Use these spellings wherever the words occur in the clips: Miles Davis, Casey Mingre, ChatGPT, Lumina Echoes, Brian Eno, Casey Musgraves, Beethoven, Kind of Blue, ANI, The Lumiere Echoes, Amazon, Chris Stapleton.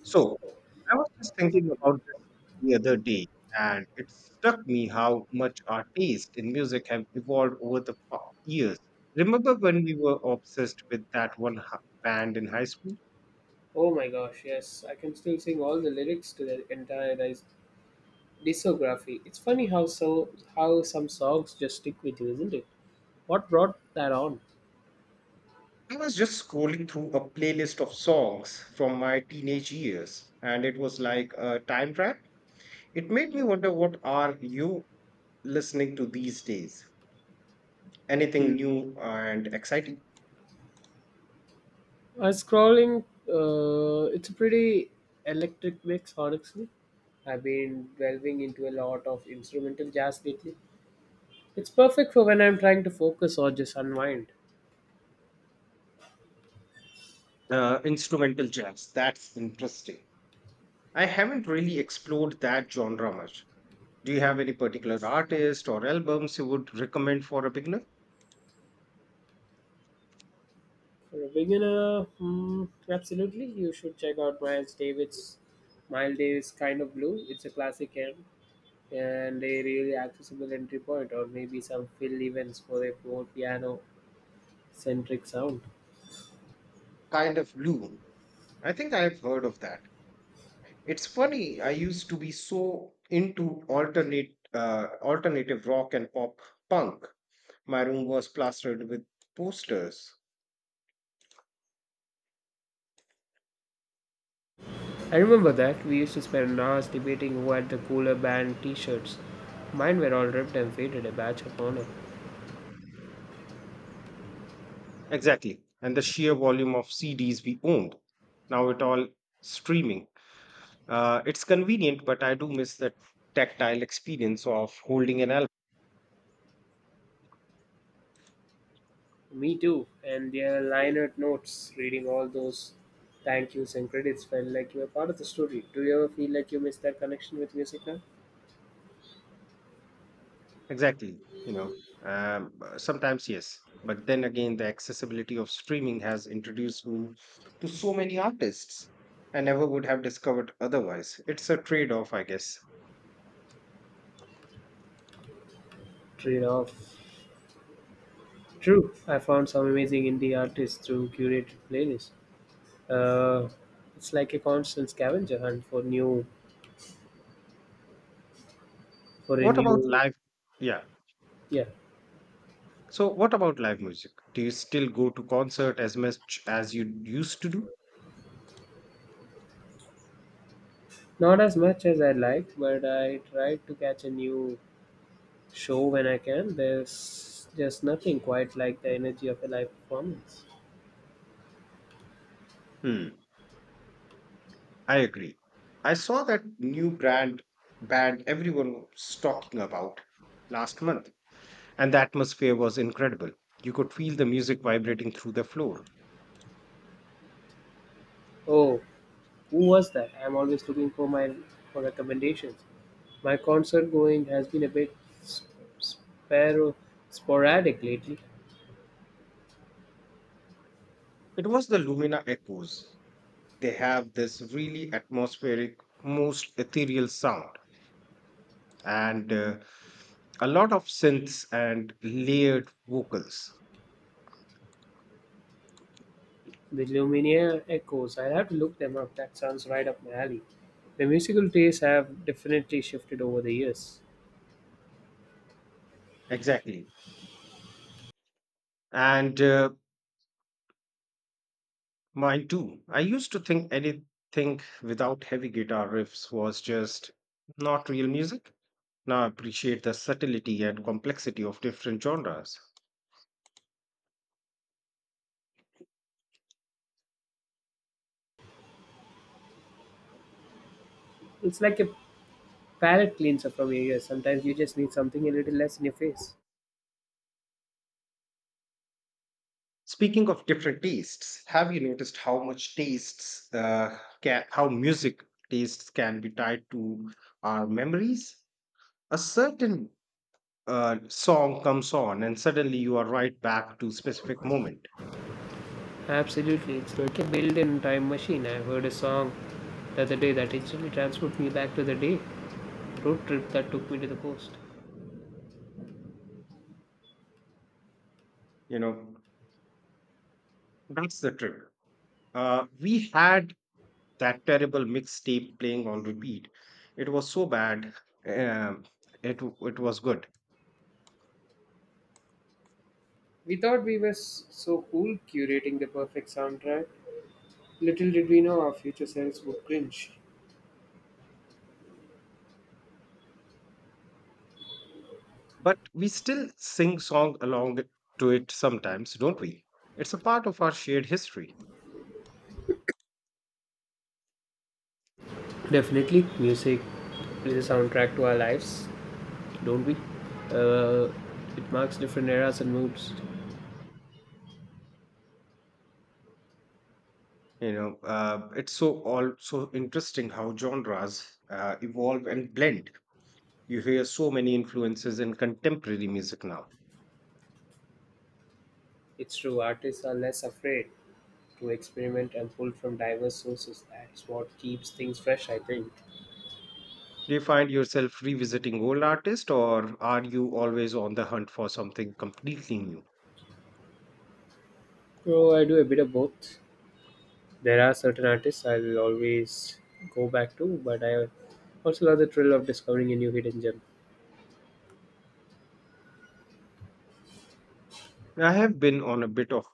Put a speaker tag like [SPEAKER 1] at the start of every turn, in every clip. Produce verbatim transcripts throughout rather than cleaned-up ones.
[SPEAKER 1] So I was just thinking about this the other day, and it struck me how much our taste in music have evolved over the pa- years. Remember when we were obsessed with that one h- band in high school?
[SPEAKER 2] Oh my gosh, yes, I can still sing all the lyrics to the entire dis- discography. It's funny how so how some songs just stick with you, isn't it? What brought that on?
[SPEAKER 1] I was just scrolling through a playlist of songs from my teenage years, and it was like a time trap. It made me wonder, what are you listening to these days?
[SPEAKER 2] Hmm.
[SPEAKER 1] Anything new and exciting?
[SPEAKER 2] I was scrolling. Uh, it's a pretty electric mix, honestly. I've been delving into a lot of instrumental jazz lately. It's perfect for when I'm trying to focus or just unwind.
[SPEAKER 1] Uh, instrumental jazz. That's interesting. I haven't really explored that genre much. Do you have any particular artist or albums you would recommend for a beginner?
[SPEAKER 2] For a beginner, hmm, absolutely, you should check out Miles Davis. Miles Davis, Kind of Blue. It's a classic. Eh? And a really accessible entry point, or maybe some fill events for a more piano centric sound.
[SPEAKER 1] Kind of Blue. I think I've heard of that. It's funny, I used to be so into alternate uh, alternative rock and pop punk. My room was plastered with posters.
[SPEAKER 2] I remember that we used to spend hours debating who had the cooler band t shirts. Mine were all ripped and faded, a badge of honor.
[SPEAKER 1] Exactly. And the sheer volume of C Ds we owned. Now it all streaming. Uh, it's convenient, but I do miss the tactile experience of holding an.
[SPEAKER 2] Me too, and their liner notes, reading all those thank yous and credits felt like you were part of the story. Do you ever feel like you missed that connection with music now?
[SPEAKER 1] Exactly, you know, um, b- sometimes yes, but then again, the accessibility of streaming has introduced me to so many artists I never would have discovered otherwise. It's a trade-off, I guess.
[SPEAKER 2] Trade off. True, I found some amazing indie artists through curated playlists. uh, it's like a constant scavenger hunt for new for a
[SPEAKER 1] What about
[SPEAKER 2] new.
[SPEAKER 1] live? Yeah.
[SPEAKER 2] Yeah,
[SPEAKER 1] So, what about live music? Do you still go to concert as much as you used to do?
[SPEAKER 2] not as much as I like, but I try to catch a new show when I can. There's just nothing quite like the energy of a live performance.
[SPEAKER 1] Hmm. I agree. I saw that new brand band everyone was talking about last month, and the atmosphere was incredible. You could feel the music vibrating through the floor.
[SPEAKER 2] Oh, who was that? I'm always looking for my for recommendations. My concert going has been a bit sp- sparo- sporadic lately.
[SPEAKER 1] It was the Lumina Echoes. They have this really atmospheric, most ethereal sound, and uh, a lot of synths and layered vocals.
[SPEAKER 2] The Lumiere Echoes. I have to look them up. That sounds right up my alley. My musical tastes have definitely shifted over the years.
[SPEAKER 1] Exactly. And uh, mine too. I used to think anything without heavy guitar riffs was just not real music. Now I appreciate the subtlety and complexity of different genres.
[SPEAKER 2] It's like a palate cleanser from your ears. Sometimes you just need something a little less in your face.
[SPEAKER 1] Speaking of different tastes, have you noticed how much tastes uh, can, how music tastes can be tied to our memories? A certain uh, song comes on, and suddenly you are right back to specific moment.
[SPEAKER 2] Absolutely, it's like a built-in time machine. I heard a song the other day that instantly transported me back to the day road trip that took me to the coast.
[SPEAKER 1] You know, that's the trick. Uh, we had that terrible mixtape playing on repeat. It was so bad. Um, it it was good,
[SPEAKER 2] We thought we were s- so cool curating the perfect soundtrack. Little did we know our future selves would cringe.
[SPEAKER 1] but we still sing song along to it sometimes, don't we? It's a part of our shared history.
[SPEAKER 2] Definitely, music is a soundtrack to our lives, don't we? Uh, it marks different eras and moods.
[SPEAKER 1] You know, uh, it's so all so interesting how genres uh, evolve and blend. You hear so many influences in contemporary music now.
[SPEAKER 2] It's true, artists are less afraid to experiment and pull from diverse sources. That's what keeps things fresh, I think.
[SPEAKER 1] Do you find yourself revisiting old artists, or are you always on the hunt for something completely new?
[SPEAKER 2] So, I do a bit of both. There are certain artists I'll always go back to, but I also love the thrill of discovering a new hidden gem.
[SPEAKER 1] I have been on a bit of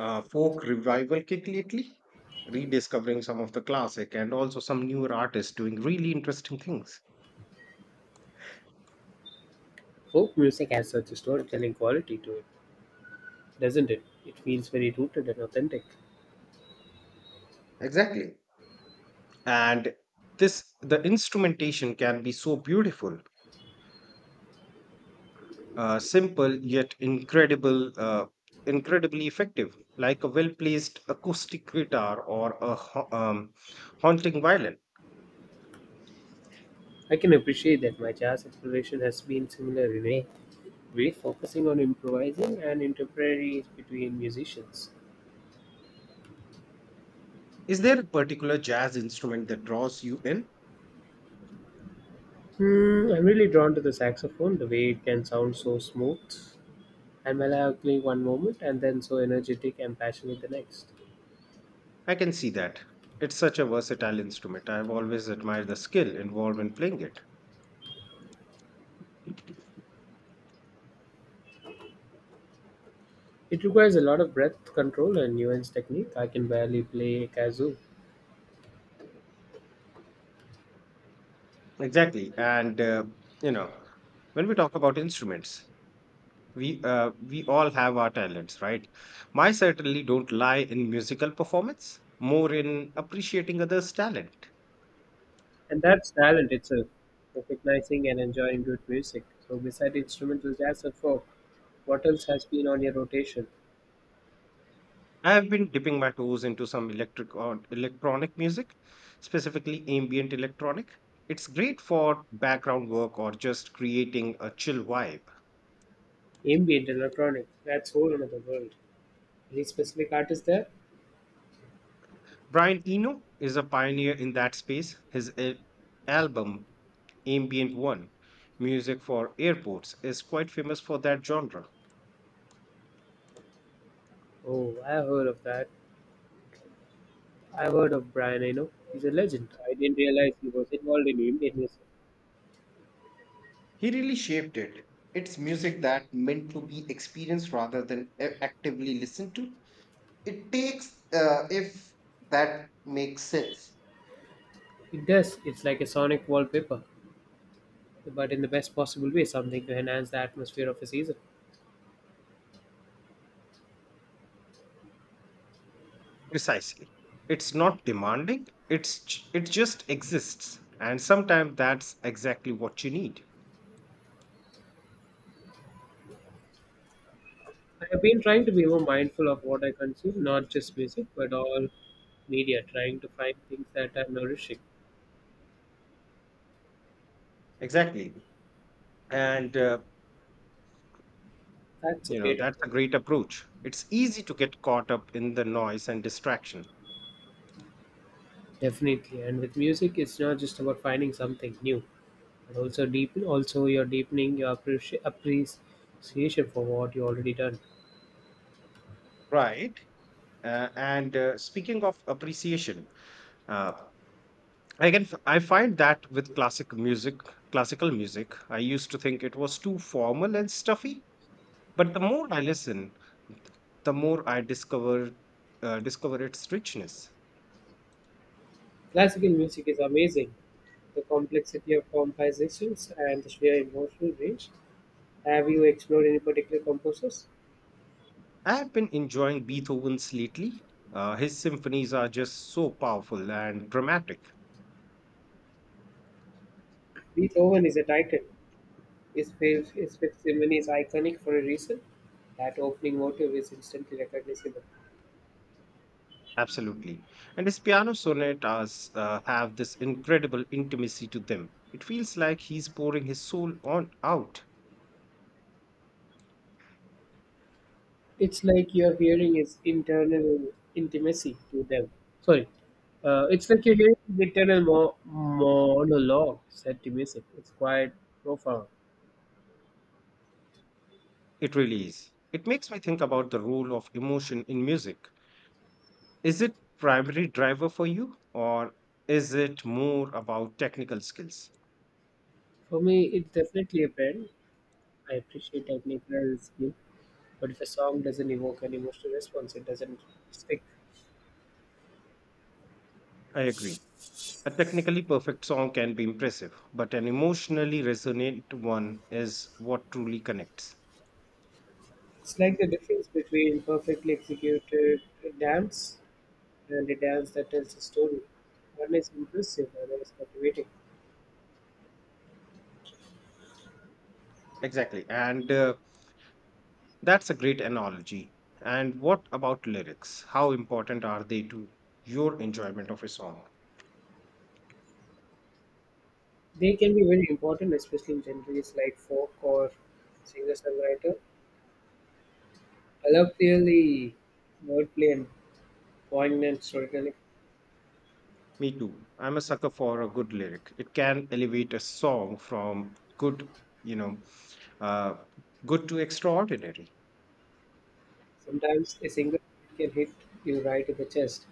[SPEAKER 1] uh, folk revival kick lately, rediscovering some of the classic and also some newer artists doing really interesting things.
[SPEAKER 2] Folk music has such a storytelling quality to it, doesn't it? It feels very rooted and authentic.
[SPEAKER 1] Exactly. And this, the instrumentation can be so beautiful, uh, simple yet incredible, uh, incredibly effective, like a well-placed acoustic guitar or a ha- um, haunting violin.
[SPEAKER 2] I can appreciate that. My jazz exploration has been similar in a way, focusing on improvising and interplay between musicians.
[SPEAKER 1] Is there a particular jazz instrument that draws you in?
[SPEAKER 2] Hmm, I'm really drawn to the saxophone, the way it can sound so smooth and melancholy one moment and then so energetic and passionate the next.
[SPEAKER 1] I can see that. It's such a versatile instrument. I've always admired the skill involved in playing it.
[SPEAKER 2] It requires a lot of breath control and nuanced technique. I can barely play a kazoo.
[SPEAKER 1] Exactly. And, uh, you know, when we talk about instruments, we uh, we all have our talents, right? My certainly don't lie in musical performance, more in appreciating others' talent.
[SPEAKER 2] And that's talent itself, recognizing and enjoying good music. So, besides instrumental jazz and folk, what else has been on your rotation?
[SPEAKER 1] I have been dipping my toes into some electric or electronic music, specifically ambient electronic. It's great for background work or just creating a chill vibe.
[SPEAKER 2] Ambient electronic, that's whole another world. Any specific artist there?
[SPEAKER 1] Brian Eno is a pioneer in that space. His uh, album ambient one, music for airports, is quite famous for that genre.
[SPEAKER 2] Oh, I have heard of that. I heard of Brian Eno. He's a legend. I didn't realize he was involved in ambient music.
[SPEAKER 1] He really shaped it. It's music that meant to be experienced rather than a- actively listened to. It takes, uh, if that makes sense.
[SPEAKER 2] It does. It's like a sonic wallpaper, but in the best possible way, something to enhance the atmosphere of a season.
[SPEAKER 1] Precisely. It's not demanding, it's, j- it just exists. And sometimes that's exactly what you need.
[SPEAKER 2] I have been trying to be more mindful of what I consume, not just music, but all media, trying to find things that are nourishing.
[SPEAKER 1] Exactly. And, uh,
[SPEAKER 2] That's a
[SPEAKER 1] you know,
[SPEAKER 2] great
[SPEAKER 1] that's
[SPEAKER 2] approach.
[SPEAKER 1] a great approach. It's easy to get caught up in the noise and distraction.
[SPEAKER 2] Definitely. And with music, it's not just about finding something new, and also deepen also you're deepening your appreci- appreciation for what you already done.
[SPEAKER 1] Right. Uh, and uh, speaking of appreciation, uh, I can f- I find that with classic music, classical music, I used to think it was too formal and stuffy, but the more I listen, the more I discover uh, discover its richness.
[SPEAKER 2] Classical music is amazing, the complexity of compositions and the sheer emotional range. Have you explored any particular composers?
[SPEAKER 1] I have been enjoying Beethoven's lately. Uh, his symphonies are just so powerful and dramatic.
[SPEAKER 2] Beethoven is a titan. His fav- his fifth symphony is iconic for a reason. That opening motive is instantly recognizable.
[SPEAKER 1] Absolutely. And his piano sonatas uh, have this incredible intimacy to them. It feels like he's pouring his soul on out.
[SPEAKER 2] It's like you're hearing is internal intimacy to them. Sorry, uh, It's like you're hearing the internal mo- monologue set to music. It's quite profound.
[SPEAKER 1] It really is. It makes me think about the role of emotion in music. Is it primary driver for you, or is it more about technical skills?
[SPEAKER 2] For me, it's definitely a band. I appreciate technical skill, but if a song doesn't evoke an emotional response, it doesn't stick.
[SPEAKER 1] I agree. A technically perfect song can be impressive, but an emotionally resonant one is what truly connects.
[SPEAKER 2] It's like the difference between perfectly executed dance and a dance that tells a story. One is impressive, another is captivating.
[SPEAKER 1] Exactly. And uh, that's a great analogy. And what about lyrics? How important are they to your enjoyment of a song?
[SPEAKER 2] They can be very important, especially in genres like folk or singer-songwriter. I love really wordplay and poignant storytelling.
[SPEAKER 1] Me too. I'm a sucker for a good lyric. It can elevate a song from good, you know, uh, good to extraordinary.
[SPEAKER 2] Sometimes a single can hit you right in the chest.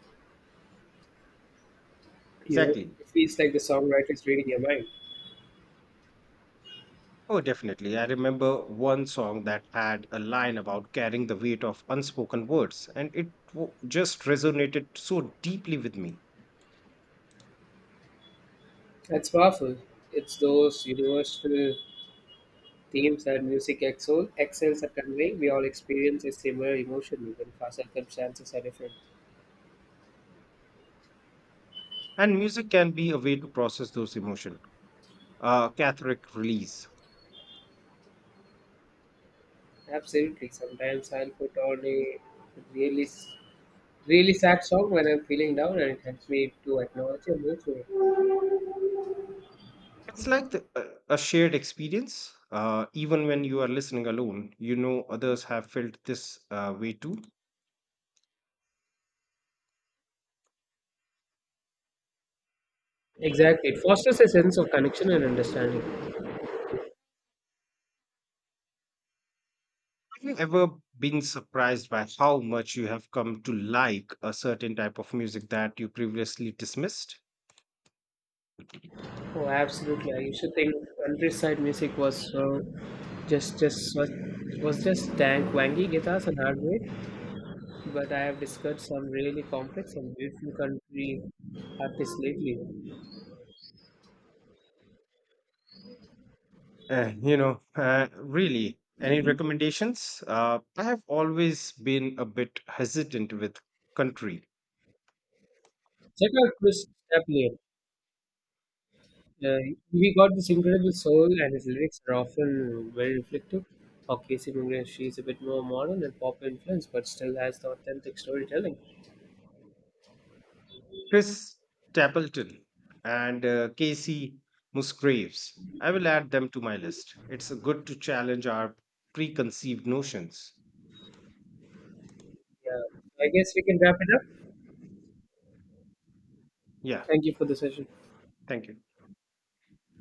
[SPEAKER 2] You know,
[SPEAKER 1] Exactly.
[SPEAKER 2] it feels like the songwriter is reading your mind.
[SPEAKER 1] Oh, definitely. I remember one song that had a line about carrying the weight of unspoken words, and it w- just resonated so deeply with me.
[SPEAKER 2] That's powerful. It's those universal themes that music excel, excels at conveying. We all experience a similar emotion, even if our circumstances are different.
[SPEAKER 1] And music can be a way to process those emotions, uh, cathartic release.
[SPEAKER 2] Absolutely. Sometimes I'll put on a really s- really sad song when I'm feeling down, and it helps me to acknowledge emotionally.
[SPEAKER 1] It's like the, a a shared experience. Uh, even when you are listening alone, you know others have felt this uh, way too.
[SPEAKER 2] Exactly, it fosters a sense of connection and understanding.
[SPEAKER 1] Have you ever been surprised by how much you have come to like a certain type of music that you previously dismissed?
[SPEAKER 2] Oh, absolutely! I used to think countryside music was uh, just just was, was just dank, wangy guitars and hardware, but I have discovered some really complex and beautiful country artists lately.
[SPEAKER 1] Uh, you know, uh, really, any recommendations? Uh, I have always been a bit hesitant with country.
[SPEAKER 2] Check out Chris Stapleton. Uh, we got this incredible soul, and his lyrics are often very reflective. How Casey Mingre, she is a bit more modern and pop influence, but still has the authentic storytelling.
[SPEAKER 1] Chris Stapleton and uh, Casey Musgraves. I will add them to my list. It's uh, good to challenge our preconceived notions.
[SPEAKER 2] Yeah, I guess we can wrap it up.
[SPEAKER 1] Yeah,
[SPEAKER 2] Thank you for the session.
[SPEAKER 1] thank you.